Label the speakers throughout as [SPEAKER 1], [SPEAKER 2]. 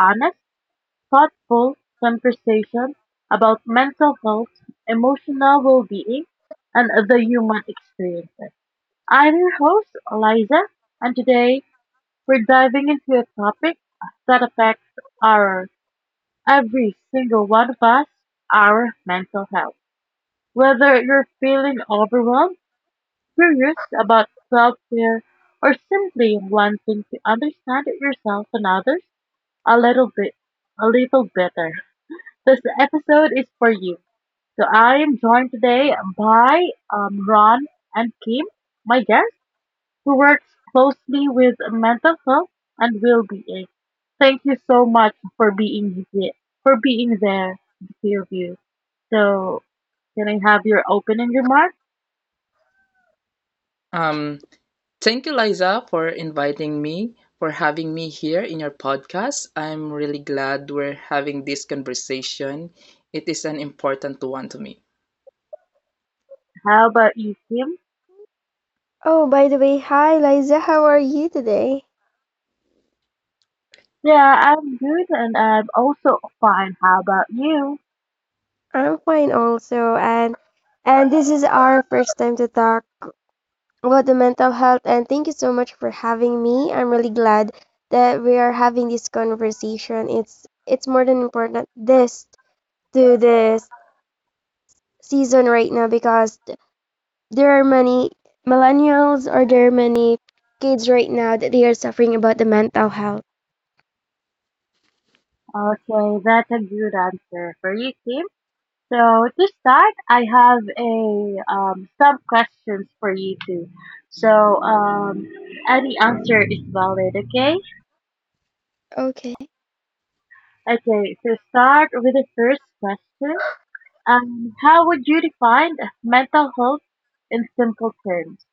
[SPEAKER 1] honest, thoughtful conversation about mental health, emotional well-being, and the human experiences. I'm your host, Eliza, and today we're diving into a topic that affects our every single one of us, our mental health. Whether you're feeling overwhelmed, curious about self-care, or simply wanting to understand yourself and others a little bit a little better. This episode is for you. So I am joined today by Ron and Kim, my guest, who works closely with mental health and well-being. Thank you so much for being here, for being there, the two of you. So can I have your opening remarks?
[SPEAKER 2] Um, Thank you, Liza, for inviting me, for having me here in your podcast. I'm really glad we're having this conversation. It is an important one to me.
[SPEAKER 1] How about you, Kim? Yeah, I'm good and I'm also fine. How about you? Okay, that's a good answer for you, Kim. So to start, I have a some questions for you too. So Any answer is valid. Okay. Okay. So start with the first question. How would you define mental health in simple terms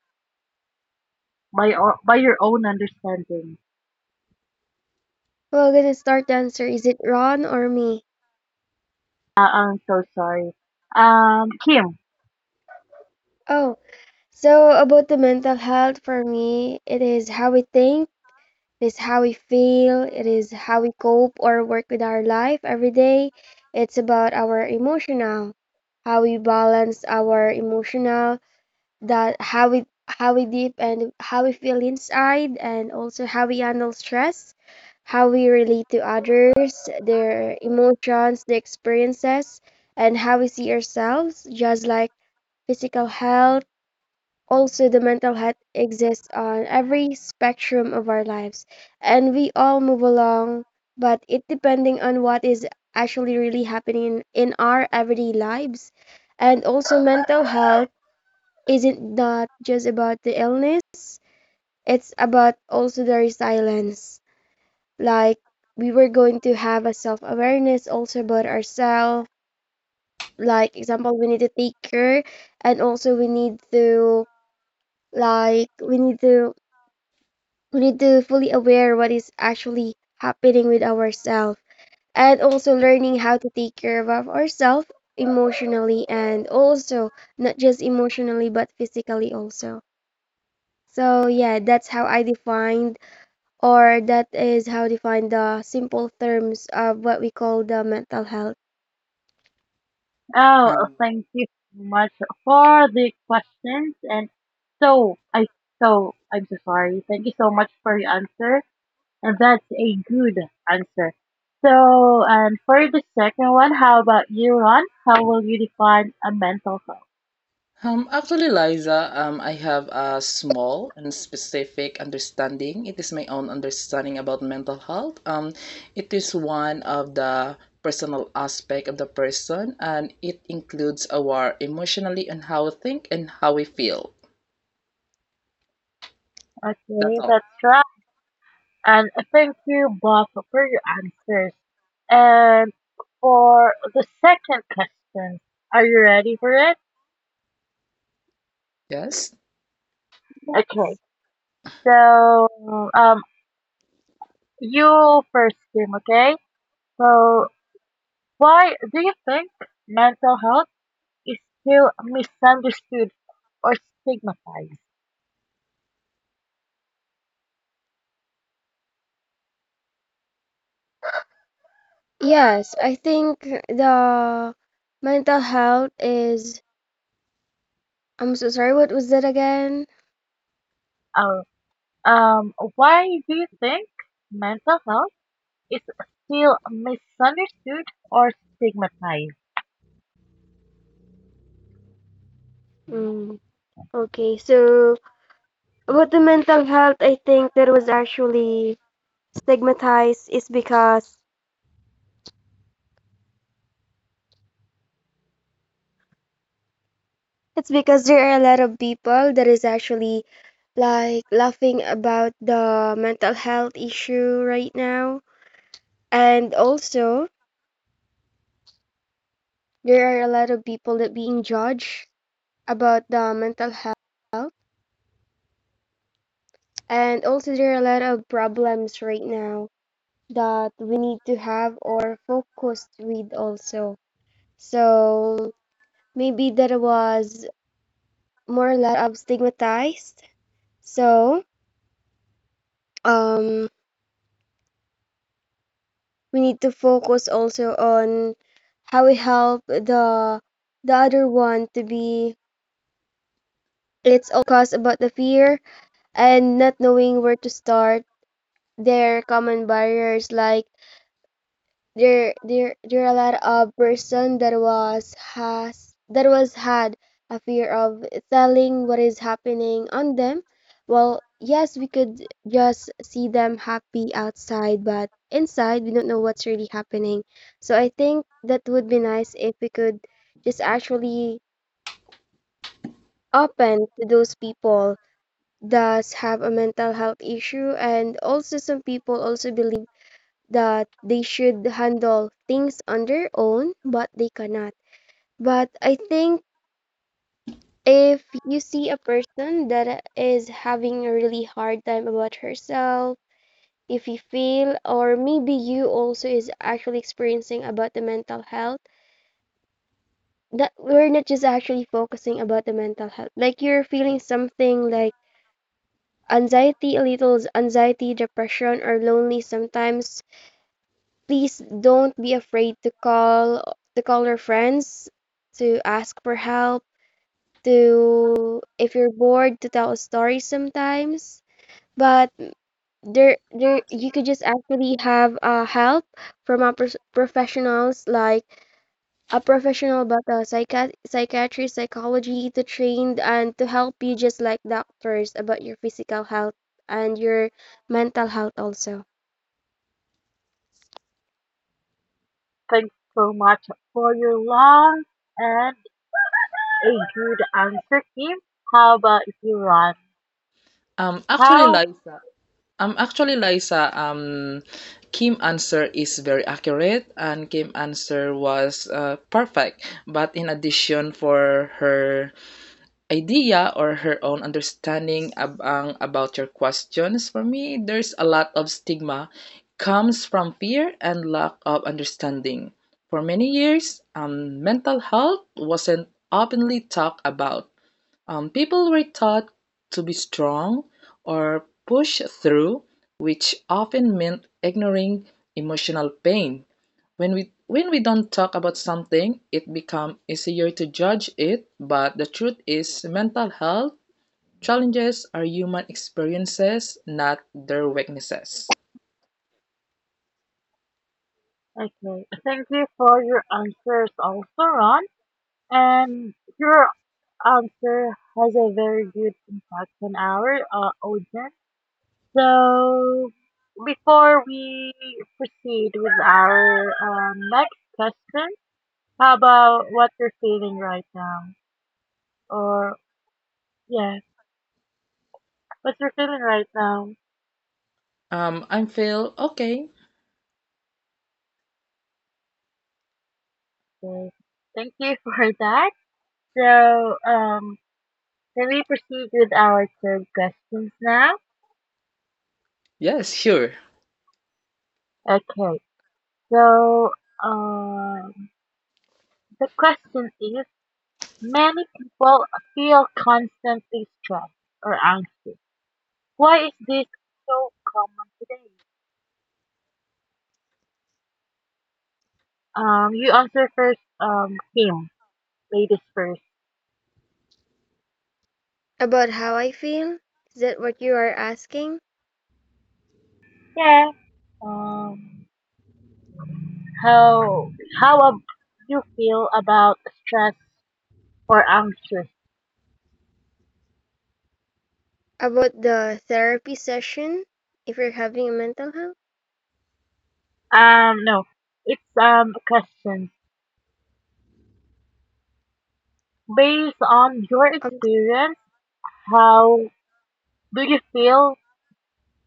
[SPEAKER 1] by your own understanding? I'm so sorry. Kim. Oh,
[SPEAKER 2] Um,
[SPEAKER 1] thank you so much for the questions. And so I so I'm so sorry. Thank you so much for your answer. And that's a good answer. So, and for the second one, how about you, Ron? How will you define a mental health?
[SPEAKER 2] Actually, Liza, I have a small and specific understanding. It is my own understanding about mental health. It is one of the personal aspect of the person, and it includes our emotionally and how we think and how we feel. That's
[SPEAKER 1] Okay,
[SPEAKER 2] all.
[SPEAKER 1] that's right. And thank you both for your answers. And for the second question, are you ready for it?
[SPEAKER 2] Yes.
[SPEAKER 1] Okay. So um you first, Kim, okay? So, why do you think mental health is still misunderstood or stigmatized? Or, why do you think mental health is still misunderstood or stigmatized? Thanks so much for your long and a good answer, Kim. How about you, Ron?
[SPEAKER 2] Um, actually,
[SPEAKER 1] How?
[SPEAKER 2] Liza. Actually, Liza, Kim answer is very accurate, and Kim answer was perfect. But in addition, for her idea or her own understanding about your questions for me, there's a lot of stigma comes from fear and lack of understanding. For many years, mental health wasn't openly talked about. People were taught to be strong or push through, which often meant ignoring emotional pain. When we don't talk about something, it becomes easier to judge it. But the truth is mental health challenges are human experiences, not their weaknesses.
[SPEAKER 1] Okay, thank you for your answers also, Ron. And your answer has a very good impact on our audience. So, before we proceed with our next question, how about what you're feeling right now? Or, yeah, what you're feeling right now?
[SPEAKER 2] I feel okay.
[SPEAKER 1] So, thank you for that. So, can we proceed with our third questions now?
[SPEAKER 2] Yes, sure.
[SPEAKER 1] Okay. So, um, the question is: many people feel constantly stressed or anxious. Why is this so common today? You answer first, Kim. Ladies first. Yeah. Um, how how you feel about stress or anxious? No, it's a question based on your experience. How do you feel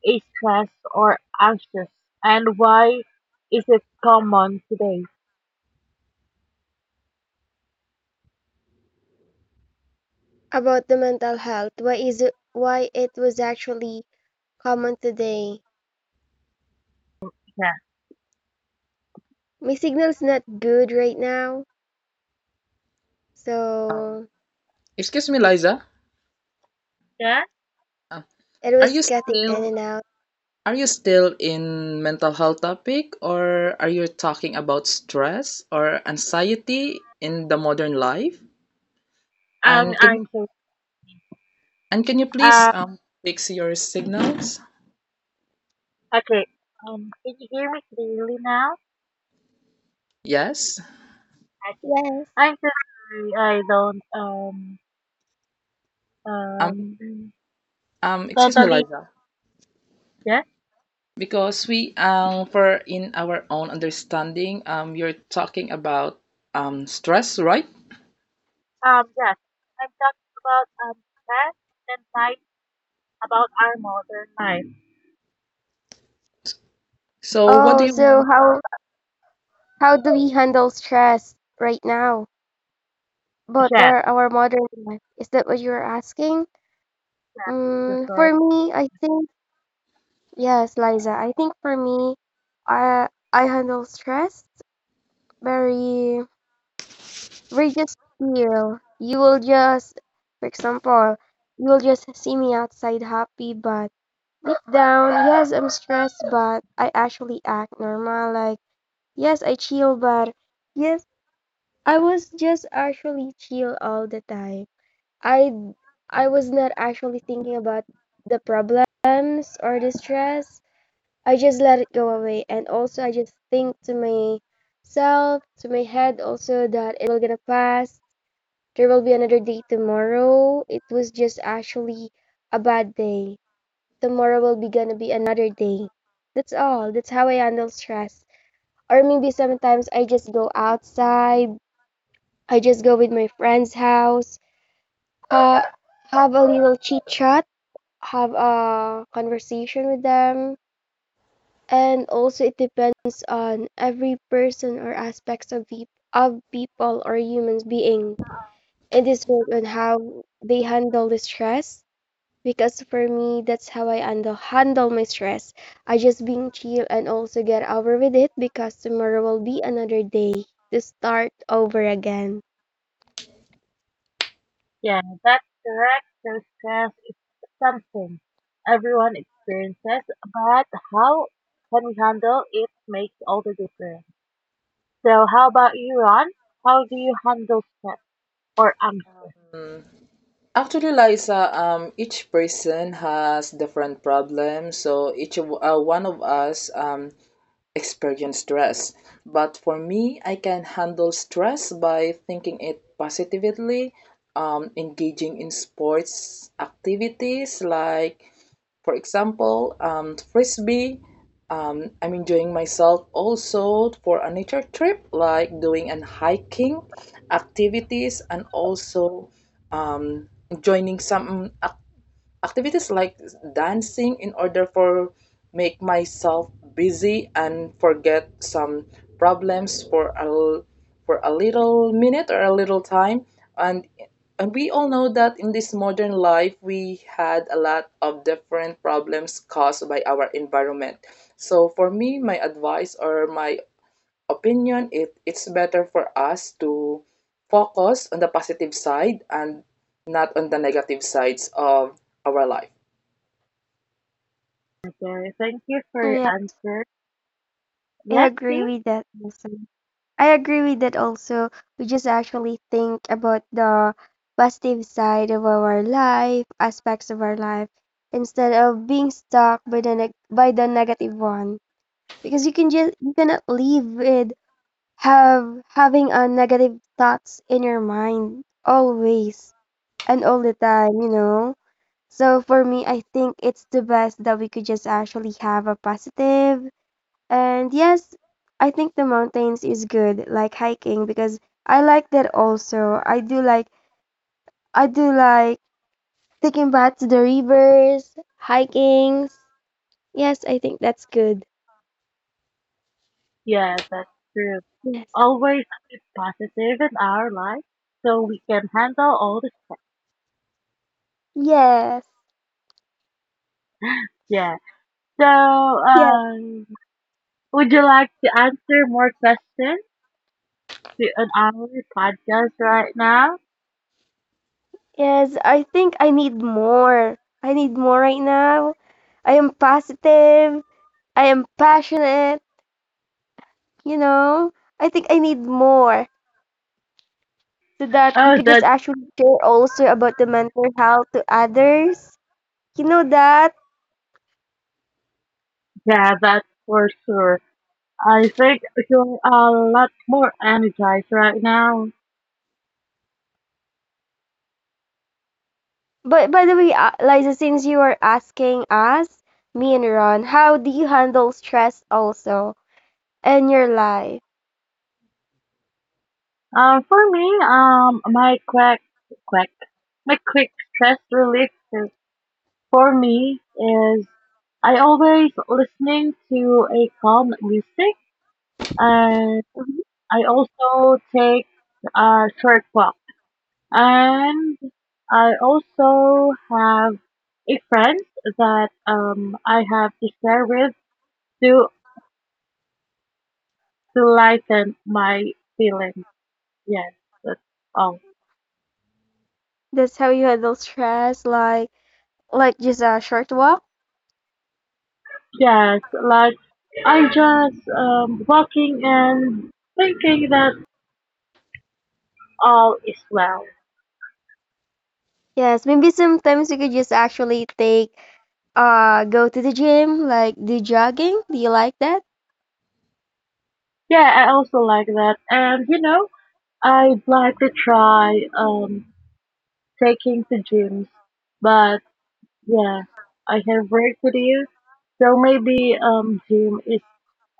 [SPEAKER 1] is stressed or anxious, and why is it common today? Yeah,
[SPEAKER 2] um, Excuse me, Liza.
[SPEAKER 1] yeah.
[SPEAKER 2] Uh, are you still in mental health topic, or are you talking about stress or anxiety in the modern life?
[SPEAKER 1] I'm
[SPEAKER 2] And
[SPEAKER 1] anxious.
[SPEAKER 2] can you please
[SPEAKER 1] Uh,
[SPEAKER 2] fix your signals?
[SPEAKER 1] okay. Can you hear me clearly now?
[SPEAKER 2] Yes.
[SPEAKER 1] Okay. I'm so sorry. I don't
[SPEAKER 2] Um,
[SPEAKER 1] um
[SPEAKER 2] Excuse me,
[SPEAKER 1] totally
[SPEAKER 2] Liza.
[SPEAKER 1] yes.
[SPEAKER 2] Because we for in our own understanding, you're talking about stress, right?
[SPEAKER 1] Yes. I'm talking about stress and anxiety about our modern life.
[SPEAKER 2] So what do you want?
[SPEAKER 1] Yes, yes. So sorry. Yeah, that's correct. So stress is something everyone experiences, but how can we handle it makes all the difference. So how about you, Ron? How do you handle stress or anxiety?
[SPEAKER 2] Mm. Actually, Liza, each person has different problems, so one of us experience stress. But for me, I can handle stress by thinking it positively, engaging in sports activities like, for example, frisbee. I'm enjoying myself also for a nature trip, like doing and hiking activities, and also um, joining some activities like dancing in order for make myself busy and forget some problems for for a little minute or a little time. And and we all know that in this modern life we had a lot of different problems caused by our environment. So for me, my advice or my opinion, it's better for us to focus on the positive side and not on the negative sides of our life.
[SPEAKER 1] Okay, thank you for your answer. Yes, team? Yeah, that's true. Always be positive in our life so we can handle all the stress. Yeah. So, would you like to answer more questions to an hour podcast right now? Oh, that's yeah, that's for sure. I think you're a lot more energized right now. For me, my quick, quick stress relief for me is I always listening to a calm music, and I also take a short walk. And I also have a friend that I have to share with to to lighten my feelings. Yes, that's all. Yes, like I just walking and thinking that all is well. Yeah, I also like that. And I'd like to try taking to gyms, but yeah, I have worked with you. So maybe gym is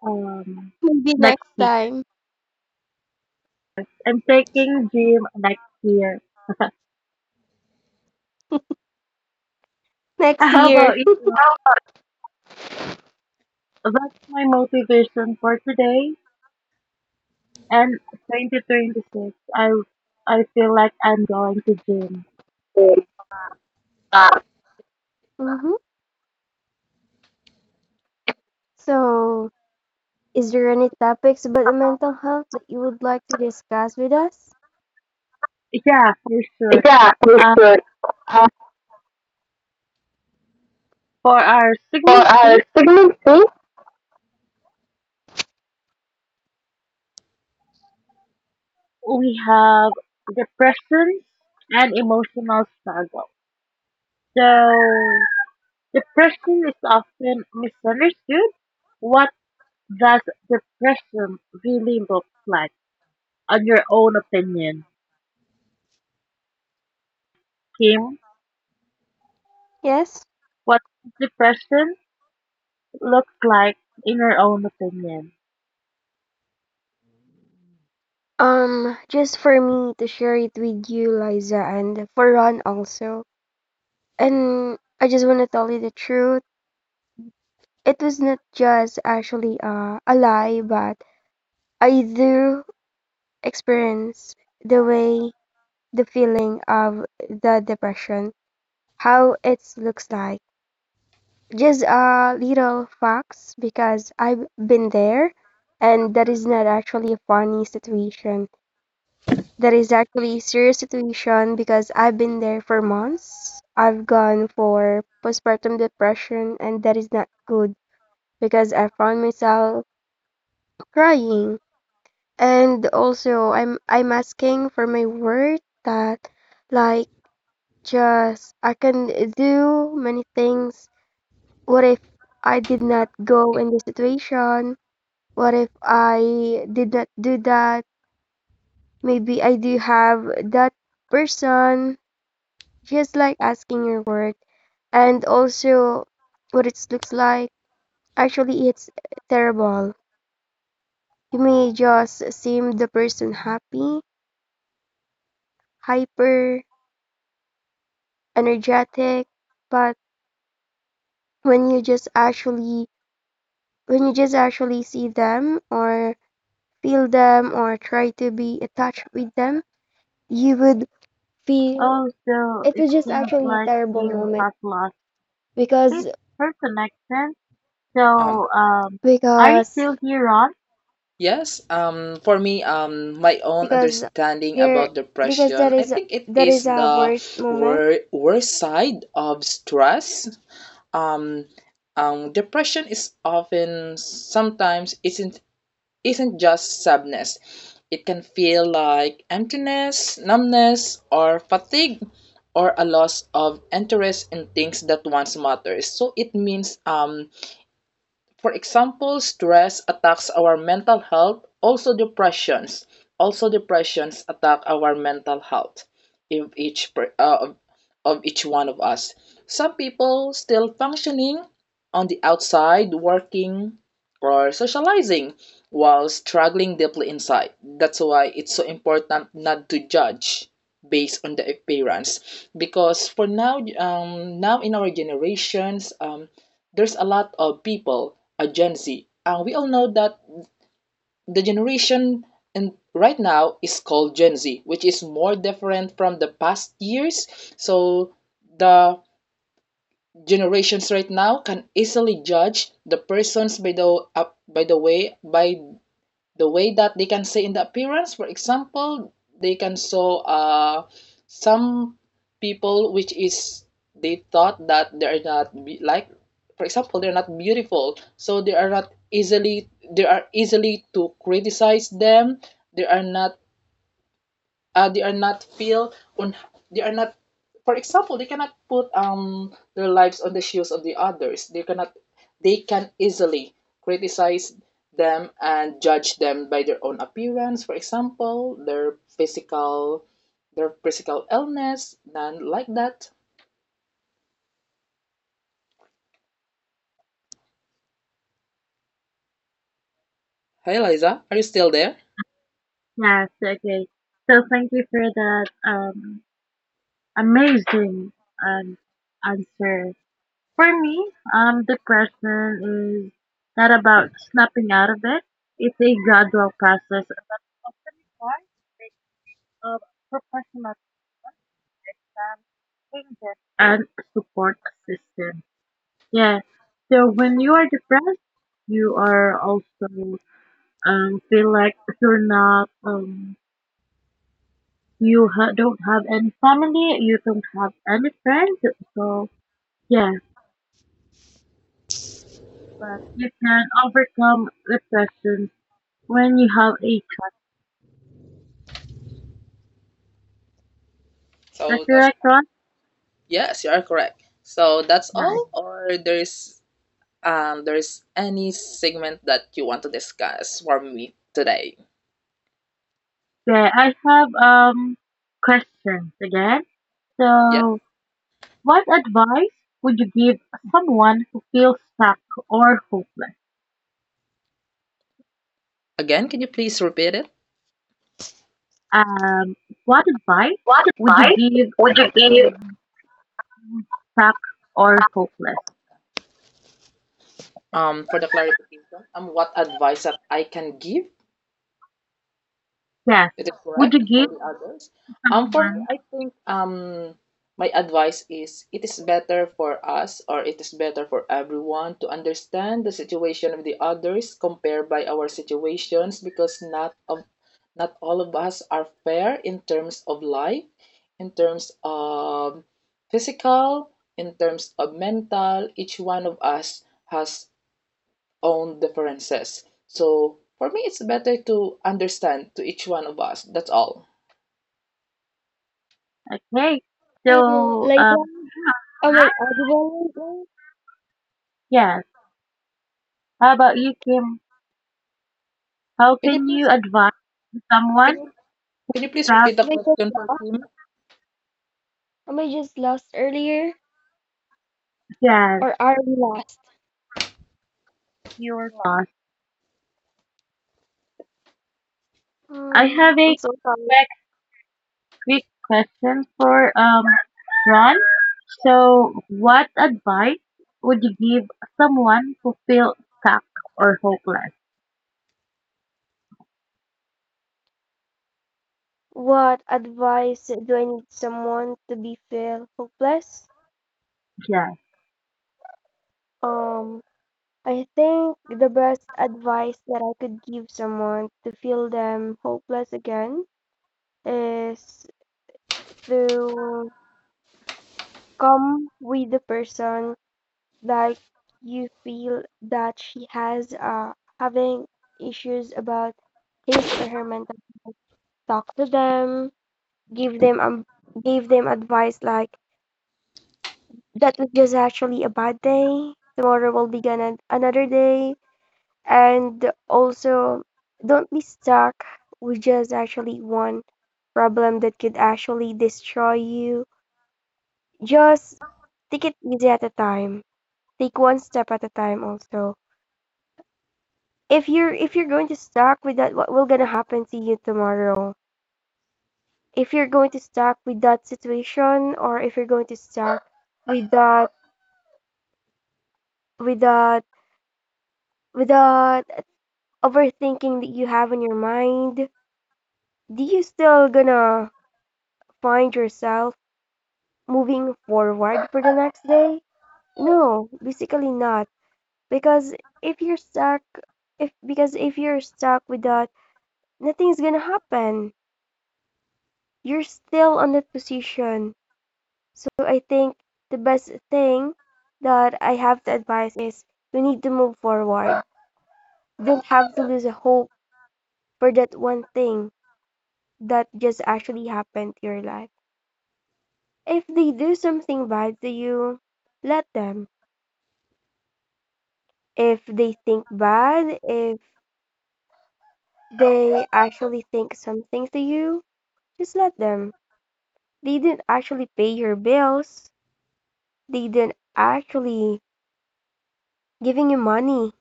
[SPEAKER 1] um next week. I'm taking gym next year. How about you? That's my motivation for today and 2026. I feel like I'm going to gym. Yeah, for sure.
[SPEAKER 3] Yeah, we
[SPEAKER 1] Uh,
[SPEAKER 3] should. Uh,
[SPEAKER 1] for our
[SPEAKER 3] for
[SPEAKER 1] segment
[SPEAKER 3] our
[SPEAKER 1] three,
[SPEAKER 3] pregnancy,
[SPEAKER 1] we have depression and emotional struggle. So depression is often misunderstood. What does depression really look like? On your own opinion, Kim, what does depression look like in your own opinion? Oh, so it seems like Kim has lost his, her connection.
[SPEAKER 2] Um,
[SPEAKER 1] So, are you still here, Ron?
[SPEAKER 2] yes, for me, my own understanding about depression, I think it is the worst side of stress. Um, Depression is often, sometimes isn't just sadness. It can feel like emptiness, numbness, or fatigue, or a loss of interest in things that once matters. So it means for example, stress attacks our mental health, also depressions. Also depressions attack our mental health if each per- of each one of us. Some people still functioning on the outside, working or socializing, while struggling deeply inside. That's why it's so important not to judge based on the appearance. Because for now, now in our generations, there's a lot of people, a Gen Z. And we all know that the generation and right now is called Gen Z, which is more different from the past years. So the generations right now can easily judge the persons by the by the way that they can say in the appearance. For example, they can show some people which is they thought that they are not be- like, for example, they're not beautiful, so they are not easily, they are easily to criticize them. They are not uh, they are not feel on they are not for example, they cannot put their lives on the shoes of the others. They cannot, they can easily criticize them and judge them by their own appearance, for example, their physical illness and like that. Hey, Liza, are you still there?
[SPEAKER 1] Yes, okay. So thank you for that amazing um answer. For me, depression is not about snapping out of it. It's a gradual process that often requires of professional time, changes, and support system. Yeah. So when you are depressed, you are also feel like you're not don't have any family, you don't have any friends. So, yeah, but you can overcome depression when you have a the
[SPEAKER 2] So that's,
[SPEAKER 1] correct one?
[SPEAKER 2] yes, you are correct. So that's
[SPEAKER 1] Nice.
[SPEAKER 2] all, or there's any segment that you want to discuss for me today?
[SPEAKER 1] Okay, I have questions again.
[SPEAKER 2] Yes.
[SPEAKER 1] So, what advice would you give someone who feels stuck or hopeless?
[SPEAKER 2] Again, can you please repeat it?
[SPEAKER 1] Um, what advice
[SPEAKER 3] what
[SPEAKER 1] would you
[SPEAKER 3] advice
[SPEAKER 1] give
[SPEAKER 3] would you give?
[SPEAKER 1] stuck or hopeless?
[SPEAKER 2] For the clarification, what advice that I can give?
[SPEAKER 1] Yes.
[SPEAKER 2] It is
[SPEAKER 1] Would you
[SPEAKER 2] correct for
[SPEAKER 1] give
[SPEAKER 2] the others. For me,
[SPEAKER 1] someone?
[SPEAKER 2] I think my advice is it is better for us, or it is better for everyone, to understand the situation of the others compared by our situations, because not of not all of us are fair in terms of life, in terms of physical, in terms of mental. Each one of us has own differences. So for me, it's better to understand to each one of us. That's all.
[SPEAKER 1] Okay.
[SPEAKER 3] Um,
[SPEAKER 1] So,
[SPEAKER 3] like,
[SPEAKER 1] um,
[SPEAKER 3] am I, am
[SPEAKER 1] yes. How about you, Kim? How
[SPEAKER 2] Can you
[SPEAKER 1] can
[SPEAKER 2] please
[SPEAKER 1] you advise
[SPEAKER 2] can
[SPEAKER 1] someone
[SPEAKER 2] you please
[SPEAKER 1] stuck?
[SPEAKER 2] repeat the
[SPEAKER 3] I just
[SPEAKER 2] question for
[SPEAKER 3] lost?
[SPEAKER 2] Kim?
[SPEAKER 3] Am I just lost earlier,
[SPEAKER 1] Yes,
[SPEAKER 3] or are we lost?
[SPEAKER 1] you are not. I have
[SPEAKER 3] Mm, I'm
[SPEAKER 1] a
[SPEAKER 3] so sorry.
[SPEAKER 1] quick, quick question for Ron. So, what advice would you give someone who feels stuck or hopeless?
[SPEAKER 3] What advice do I need someone to be feel hopeless?
[SPEAKER 1] Yes.
[SPEAKER 3] Um, I think the best advice that I could give someone to feel them hopeless again is to come with the person like you feel that she has having issues about his or her mental health, talk to them, give them give them advice like that was just actually a bad day. Tomorrow will be gonna another day, and also don't be stuck with just actually one problem that could actually destroy you. Just take it easy at a time. Take one step at a time also if you're going to stuck with that, what will gonna happen to you tomorrow if you're going to stuck with that situation or if you're going to stuck with with that that overthinking that you have in your mind? Do you still gonna find yourself moving forward for the next day? No, basically not, because if you're stuck if because if you're stuck with that, nothing's gonna happen, you're still on that position. So I think the best thing that I have to advise is you need to move forward. Don't have to lose hope for that one thing that just actually happened to your life. If they do something bad to you, let them. If they think bad, if they actually think something to you, just let them. They didn't actually pay your bills. They didn't actually giving you money,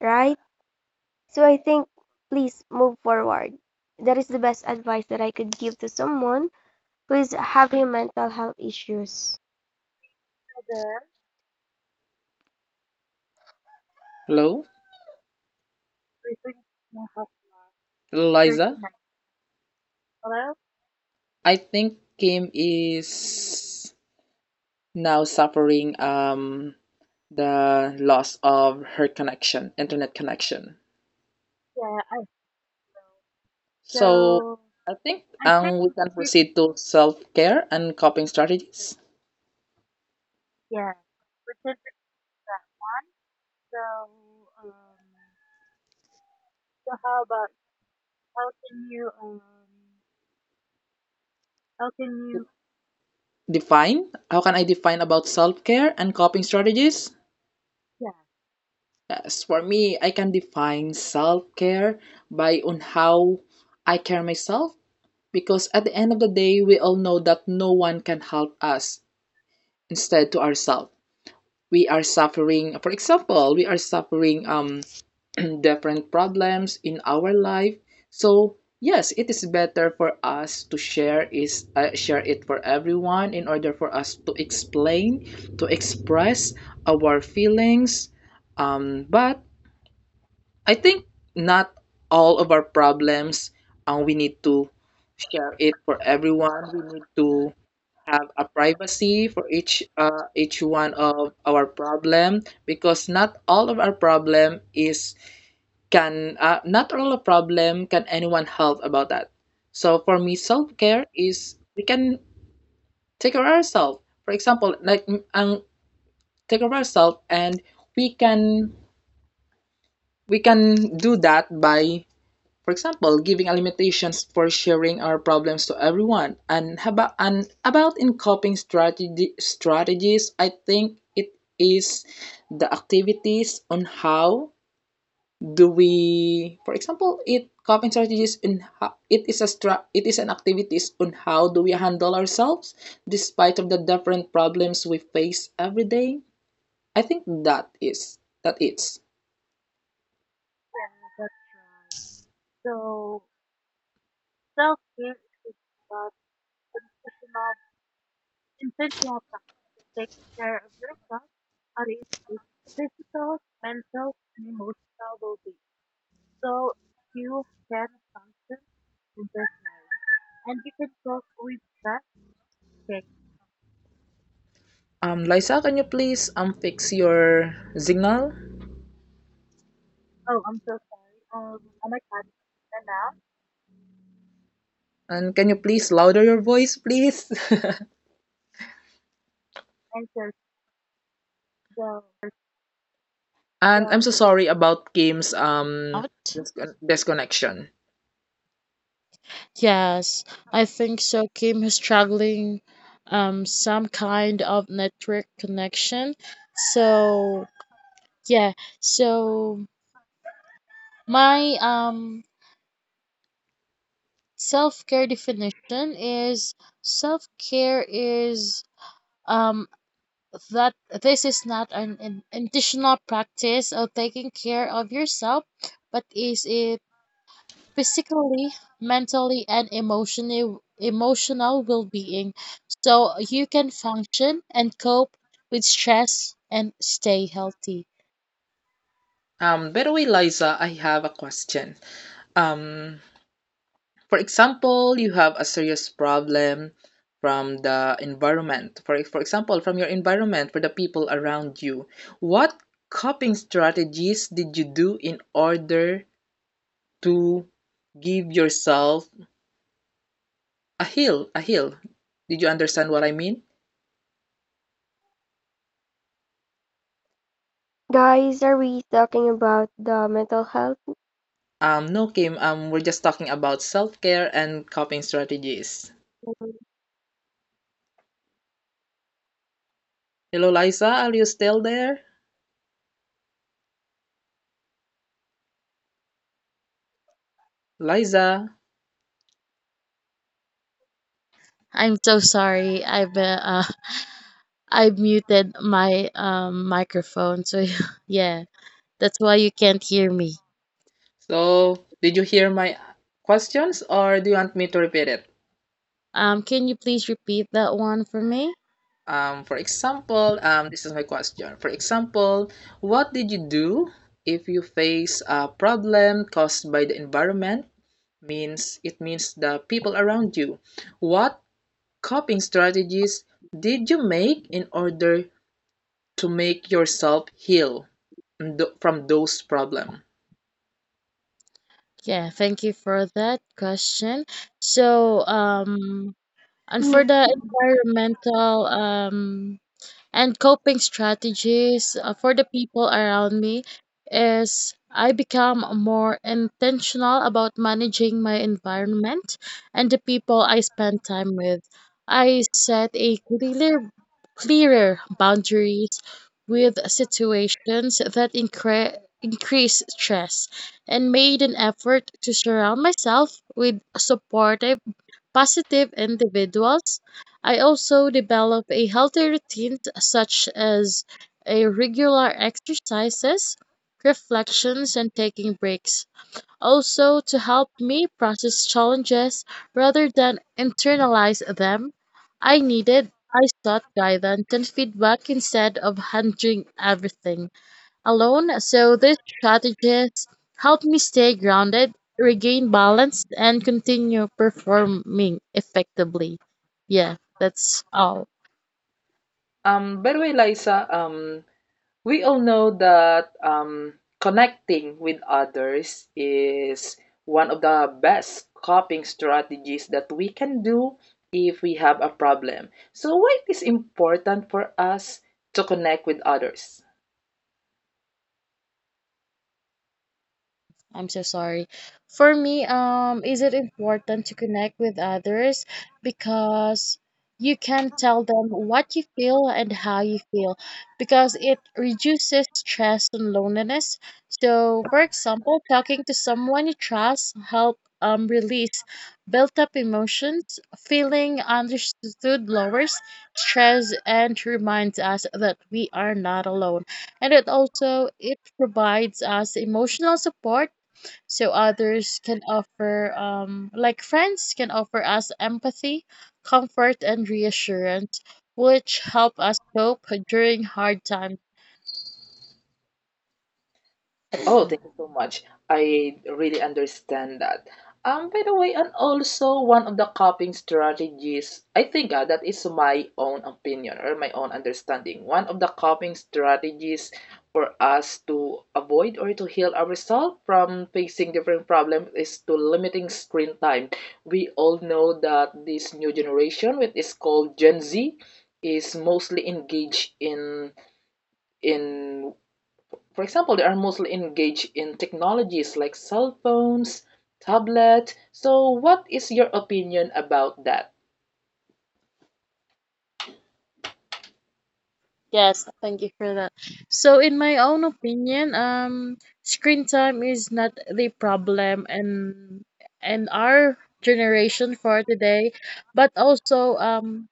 [SPEAKER 3] right? So I think please move forward. That is the best advice that I could give to someone who is having mental health issues.
[SPEAKER 1] There,
[SPEAKER 2] Hello,
[SPEAKER 1] returning to my house.
[SPEAKER 2] Liza.
[SPEAKER 1] Hello?
[SPEAKER 2] I think Kim is now suffering the loss of her connection, internet connection.
[SPEAKER 1] Yeah, I
[SPEAKER 2] So
[SPEAKER 1] so
[SPEAKER 2] I think
[SPEAKER 1] I think
[SPEAKER 2] we can
[SPEAKER 1] it,
[SPEAKER 2] proceed to self-care and coping strategies.
[SPEAKER 1] yeah, percent is that one. So um how about how can you um how can you,
[SPEAKER 2] Define. How can I define about self-care and coping strategies?
[SPEAKER 1] yeah,
[SPEAKER 2] As for me, I can define self care by on how I care myself, because at the end of the day, we all know that no one can help us instead to ourselves. We are suffering, for example, we are suffering different problems in our life. So yes, it is better for us to share is share it for everyone in order for us to explain, to express our feelings. But I think not all of our problems we need to share it for everyone. We need to have a privacy for each one of our problem, because not all of our problem is can not all of problem can anyone help about that. So for me, self care is we can take care of ourselves. For example, like take care of ourselves, and we can we can do that by, for example, giving a limitations for sharing our problems to everyone. And about, in coping strategy strategies, I think it is the activities on how do we, for example, it coping strategies in how, it is it is an activities on how do we handle ourselves despite of the different problems we face every day. I think that is that. It's
[SPEAKER 1] yeah, that's right. So self care construction of infant lab taking care of yourself, how do you physical, mental, and emotional well-being. So you can function in and you can cope with that thing.
[SPEAKER 2] Liza, can you please fix your signal?
[SPEAKER 1] Oh, I'm so sorry. I'm a cat now,
[SPEAKER 2] And can you please louder your voice, please?
[SPEAKER 1] and so
[SPEAKER 2] And I'm
[SPEAKER 1] so.
[SPEAKER 2] so sorry about Kim's
[SPEAKER 1] Out?
[SPEAKER 2] disconnection.
[SPEAKER 1] Yes, I think so. Kim is struggling some kind of network connection. So, yeah, so my self-care definition is self-care is um that this is not an additional practice of taking care of yourself, but is it physically, mentally, and emotional well-being so you can function and cope with stress and stay healthy.
[SPEAKER 2] By the way, Liza, I have a question. Um, for example, you have a serious problem from the environment. For example, from your environment, for the people around you. What coping strategies did you do in order to give yourself a heal? A heal. Did you understand what I mean?
[SPEAKER 3] Guys, are we talking about the mental health?
[SPEAKER 2] No, Kim, we're just talking about self care and coping strategies. Hello, Liza, are you still there? Liza,
[SPEAKER 1] I'm so sorry. I've I muted my microphone. So yeah, that's why you can't hear me.
[SPEAKER 2] so did you hear my questions, or do you want me to repeat it?
[SPEAKER 1] Can you please repeat that one for me?
[SPEAKER 2] For example, this is my question. For example, what did you do if you face a problem caused by the environment? Means it means the people around you. What coping strategies did you make in order to make yourself heal from those problems?
[SPEAKER 1] Yeah, thank you for that question. So and for
[SPEAKER 3] Mm.
[SPEAKER 1] the environmental and coping strategies for the people around me is I become more intentional about managing my environment and the people I spend time with. I set a clearer boundaries with situations that increase stress and made an effort to surround myself with supportive positive individuals. I also develop a healthy routine such as a regular exercises, reflections and taking breaks. Also to help me process challenges rather than internalize them, I sought guidance and feedback instead of handling everything alone, so these strategies help me stay grounded, regain balance, and continue performing effectively. Yeah, that's all.
[SPEAKER 2] By the way, Liza, we all know that connecting with others is one of the best coping strategies that we can do if we have a problem. So, why it is important for us to connect with others?
[SPEAKER 1] I'm so sorry. For me, is it important to connect with others? Because you can tell them what you feel and how you feel, because it reduces stress and loneliness. So, for example, talking to someone you trust help release built up emotions, feeling understood lowers stress and reminds us that we are not alone, and it also it provides us emotional support, so others can offer like friends can offer us empathy, comfort, and reassurance, which help us cope during hard times.
[SPEAKER 2] Oh, thank you so much. I really understand that. By the way, and also one of the coping strategies, I think that is my own opinion or my own understanding. One of the coping strategies for us to avoid or to heal ourselves from facing different problems is to limiting screen time. We all know that this new generation, which is called Gen Z, is mostly engaged in for example, they are mostly engaged in technologies like cell phones, tablet. So, what is your opinion about that?
[SPEAKER 1] Yes, thank you for that. So in my own opinion, screen time is not the problem and our generation for today, but also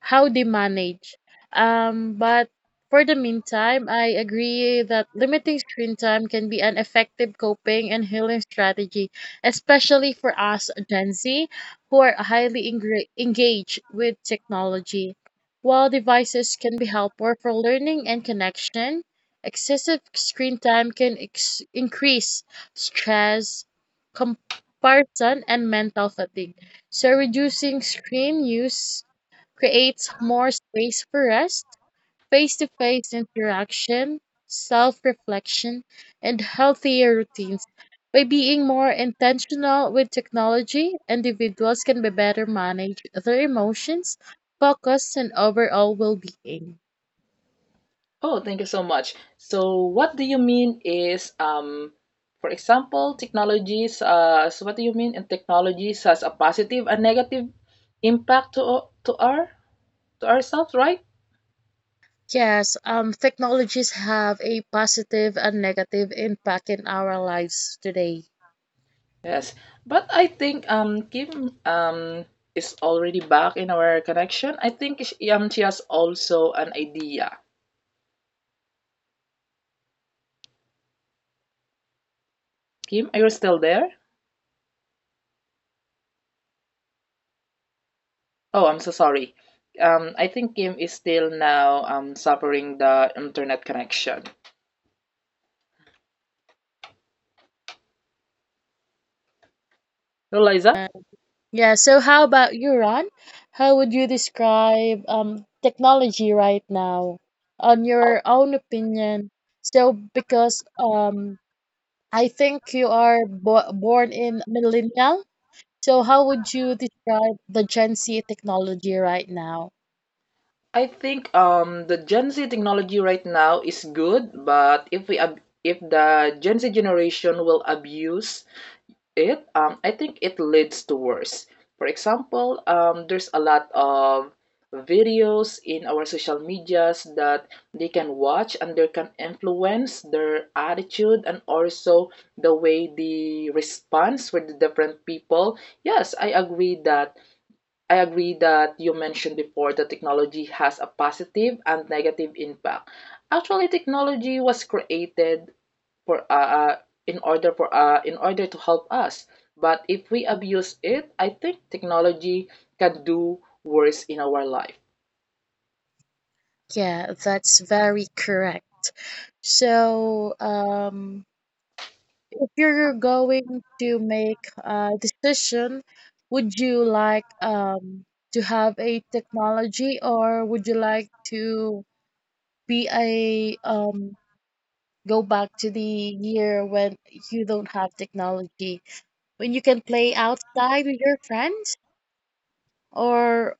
[SPEAKER 1] how they manage. But for the meantime, I agree that limiting screen time can be an effective coping and healing strategy, especially for us Gen Z who are highly engaged with technology. While devices can be helpful for learning and connection, excessive screen time can increase stress, comparison, and mental fatigue. So, reducing screen use creates more space for rest, face to face interaction, self reflection, and healthier routines. By being more intentional with technology, individuals can be better manage their emotions, focus, and overall well being.
[SPEAKER 2] Oh, thank you so much. So, what do you mean is, for example, technologies? So, what do you mean in technologies has a positive and negative impact to our to ourselves, right?
[SPEAKER 1] Yes, technologies have a positive and negative impact in our lives today.
[SPEAKER 2] Yes, but I think Kim is already back in our connection. I think she has also an idea. Kim, are you still there? Oh, I'm so sorry. I think Kim is still now suffering the internet connection. So, Liza,
[SPEAKER 1] Yeah, so how about you, Ron? How would you describe technology right now on your own opinion? So because I think you are bo born in millennial, so how would you describe the Gen Z technology right now?
[SPEAKER 2] I think the Gen Z technology right now is good, but if we ab if the Gen Z generation will abuse it, I think it leads to worse. For example, there's a lot of videos in our social medias that they can watch and they can influence their attitude and also the way they response with the different people. Yes, I agree that you mentioned before that technology has a positive and negative impact. Actually, technology was created for in order to help us. But if we abuse it, I think technology can do worse in our life.
[SPEAKER 1] Yeah, that's very correct. So if you're going to make a decision, would you like to have a technology or would you like to be a go back to the year when you don't have technology, when you can play outside with your friends? Or,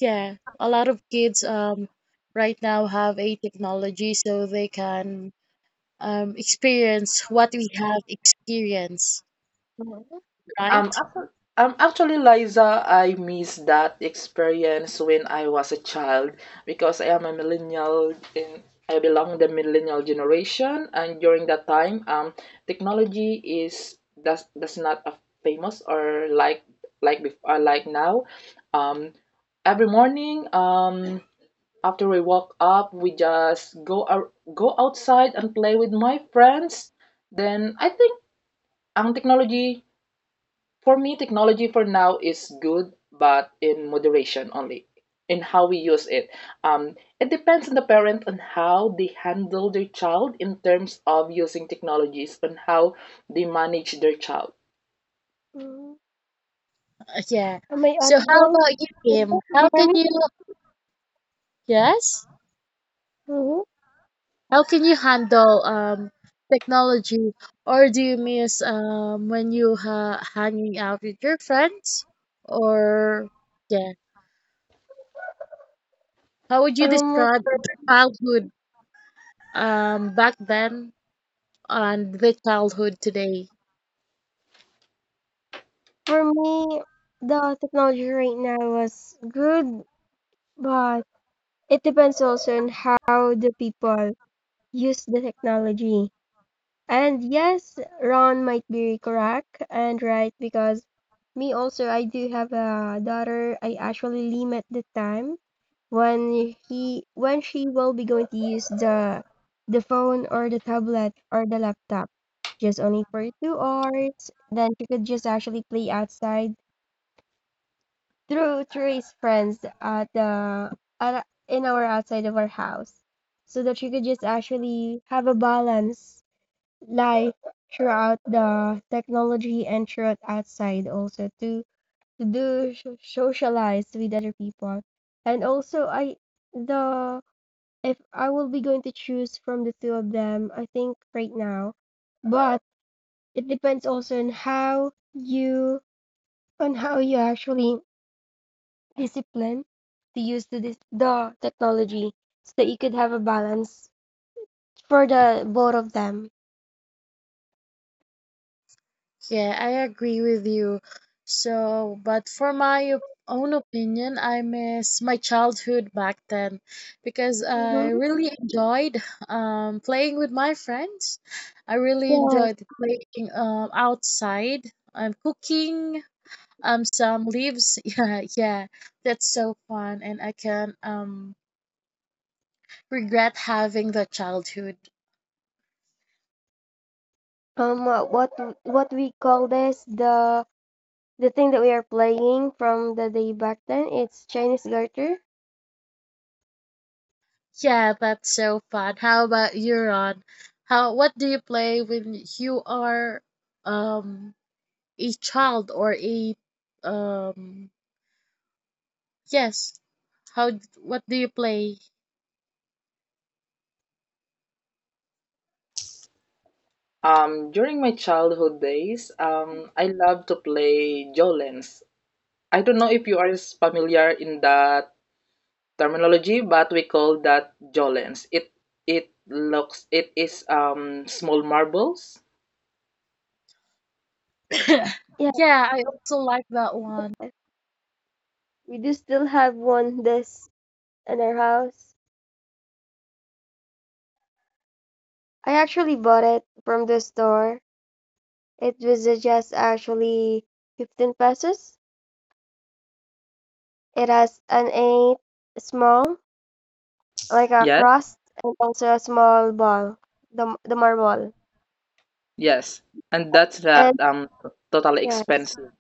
[SPEAKER 1] yeah, a lot of kids right now have a technology so they can experience what we have experienced,
[SPEAKER 2] Um,
[SPEAKER 1] right?
[SPEAKER 2] actu- Actually, Liza, I miss that experience when I was a child, because I am a millennial and I belong the millennial generation. And during that time, technology is does not a famous or before, like now. Um, every morning, after we woke up, we just go out, go outside and play with my friends. Then I think ang technology. For me, technology for now is good, but in moderation only in how we use it. It depends on the parent on how they handle their child in terms of using technologies and how they manage their child.
[SPEAKER 3] Mm.
[SPEAKER 1] Yeah.
[SPEAKER 3] Am I
[SPEAKER 1] So how
[SPEAKER 3] audible?
[SPEAKER 1] about you,
[SPEAKER 3] Can
[SPEAKER 1] Kim?
[SPEAKER 3] you
[SPEAKER 1] How
[SPEAKER 3] hear
[SPEAKER 1] can
[SPEAKER 3] me?
[SPEAKER 1] you yes?
[SPEAKER 3] Mhm.
[SPEAKER 1] How can you handle technology or do you miss when you ha hanging out with your friends or yeah. How would you
[SPEAKER 3] Um,
[SPEAKER 1] describe your childhood back then and the childhood today?
[SPEAKER 3] for me, the technology right now is good, but it depends also on how the people use the technology. And yes, Ron might be correct and right because me also, I do have a daughter. I actually limit the time when when she will be going to use the phone or the tablet or the laptop just only for 2 hours, then she could just actually play outside through his friends at the in our outside of our house so that she could just actually have a balance life throughout the technology and throughout outside also to do socialize with other people, and also I the if I will be going to choose from the two of them I think right now, but it depends also on how you actually discipline to use the the technology so that you could have a balance for the both of them.
[SPEAKER 1] Yeah, I agree with you. So, but for my own opinion, I miss my childhood back then because I
[SPEAKER 3] Mhm.
[SPEAKER 1] really enjoyed playing with my friends. I really
[SPEAKER 3] Yeah.
[SPEAKER 1] enjoyed playing outside, cooking some leaves. Yeah, yeah, that's so fun, and I can regret having the childhood.
[SPEAKER 3] um uh, what what we call this, the thing that we are playing from the day back then, it's Chinese garter.
[SPEAKER 1] Yeah, that's so fun. How about you, Ron? How what do you play when you are um a child or a um yes. How what do you play?
[SPEAKER 2] During my childhood days, I love to play Jolens. I don't know if you are familiar in that terminology, but we call that Jolens. It is small marbles.
[SPEAKER 3] Yeah,
[SPEAKER 1] Yeah, I also like that one.
[SPEAKER 3] we do still have one this in our house. I actually bought it from the store. It was just actually 15 pesos. It has an eight small like a
[SPEAKER 2] Yes.
[SPEAKER 3] crust and also a small ball, the marble.
[SPEAKER 2] Yes, and that's that
[SPEAKER 3] And
[SPEAKER 2] totally
[SPEAKER 3] yes,
[SPEAKER 2] expensive.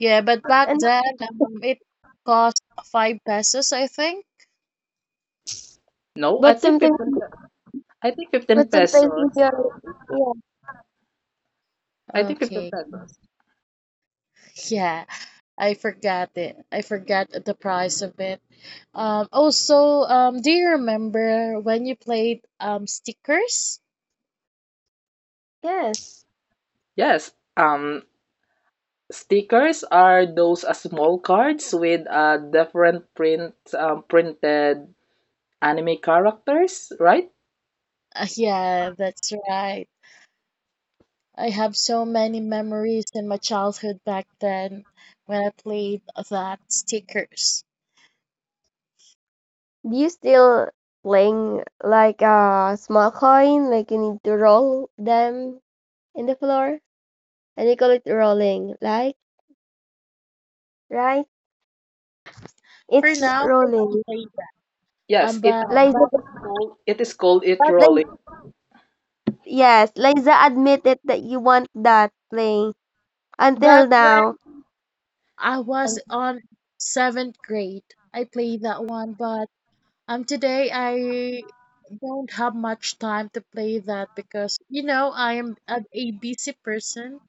[SPEAKER 1] Yeah, but back
[SPEAKER 3] and
[SPEAKER 1] then it cost 5 pesos, I think.
[SPEAKER 2] No, I
[SPEAKER 3] but
[SPEAKER 2] think
[SPEAKER 3] sometimes
[SPEAKER 2] I think 15
[SPEAKER 3] but sometimes
[SPEAKER 2] pesos.
[SPEAKER 3] we are, yeah,
[SPEAKER 2] I think 15
[SPEAKER 1] Okay.
[SPEAKER 2] pesos.
[SPEAKER 1] Yeah, I forgot it. I forgot the price of it. Also, do you remember when you played stickers?
[SPEAKER 3] yes.
[SPEAKER 2] Yes, stickers are those small cards with different print printed anime characters, right?
[SPEAKER 1] Yeah, that's right. I have so many memories in my childhood back then when I played that stickers.
[SPEAKER 3] Do you still playing like a small coin, like you need to roll them in the floor, and you call it rolling, like, right?
[SPEAKER 1] For
[SPEAKER 3] It's
[SPEAKER 1] now, I don't
[SPEAKER 3] rolling.
[SPEAKER 1] play that.
[SPEAKER 2] Yes,
[SPEAKER 1] But
[SPEAKER 3] Liza,
[SPEAKER 1] back,
[SPEAKER 2] it is called, it
[SPEAKER 1] back,
[SPEAKER 3] Liza,
[SPEAKER 2] rolling.
[SPEAKER 3] yes, Liza admitted that you want that playing
[SPEAKER 1] back
[SPEAKER 3] until
[SPEAKER 1] when
[SPEAKER 3] now.
[SPEAKER 1] I was
[SPEAKER 2] And
[SPEAKER 1] on seventh grade, I played that one, but today I don't have much time to play that because I am a busy person.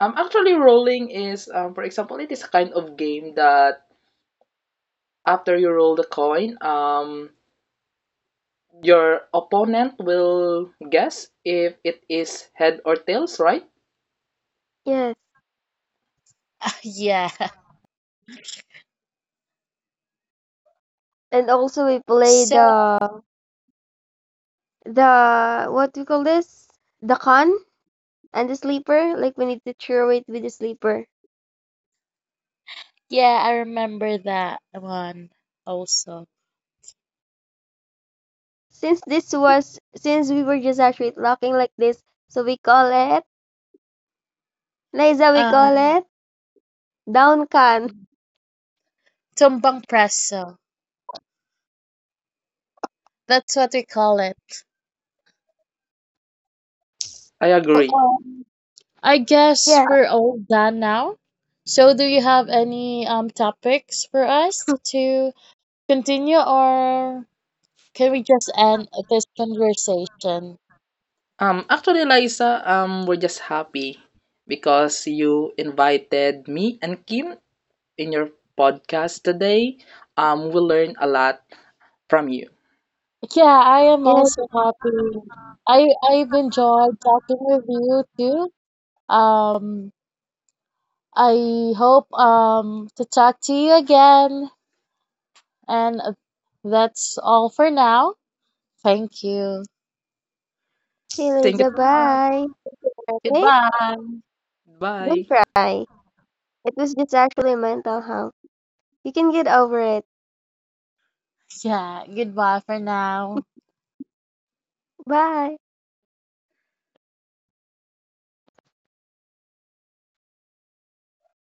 [SPEAKER 2] actually rolling is for example, it is a kind of game that after you roll the coin, your opponent will guess if it is head or tails, right?
[SPEAKER 3] Yes,
[SPEAKER 1] Yeah.
[SPEAKER 3] and also we play
[SPEAKER 1] So,
[SPEAKER 3] the what do you call this? The con and the sleeper. Like we need to throw it with the sleeper.
[SPEAKER 1] yeah, I remember that one also.
[SPEAKER 3] Since this was since we were just actually talking like this, so we call it Liza, we call
[SPEAKER 1] Um,
[SPEAKER 3] it down can.
[SPEAKER 1] tumbang preso. That's what we call it.
[SPEAKER 2] I
[SPEAKER 1] So,
[SPEAKER 2] agree.
[SPEAKER 1] I guess
[SPEAKER 3] Yeah.
[SPEAKER 1] we're all done now. So do you have any topics for us to continue, or can we just end this conversation?
[SPEAKER 2] Actually, Liza, we're just happy because you invited me and Kim in your podcast today. We learned a lot from you.
[SPEAKER 1] Yeah, I am
[SPEAKER 3] Yeah.
[SPEAKER 1] also happy. I've enjoyed talking with you too. Um, I hope to talk to you again. And that's all for now. Thank you.
[SPEAKER 3] Okay,
[SPEAKER 2] Thank you.
[SPEAKER 3] Liza,
[SPEAKER 2] So
[SPEAKER 3] bye. Okay?
[SPEAKER 1] Goodbye.
[SPEAKER 3] Don't
[SPEAKER 2] bye.
[SPEAKER 3] cry. It was just actually mental health. You can get over it.
[SPEAKER 1] Yeah, goodbye for now.
[SPEAKER 3] Bye.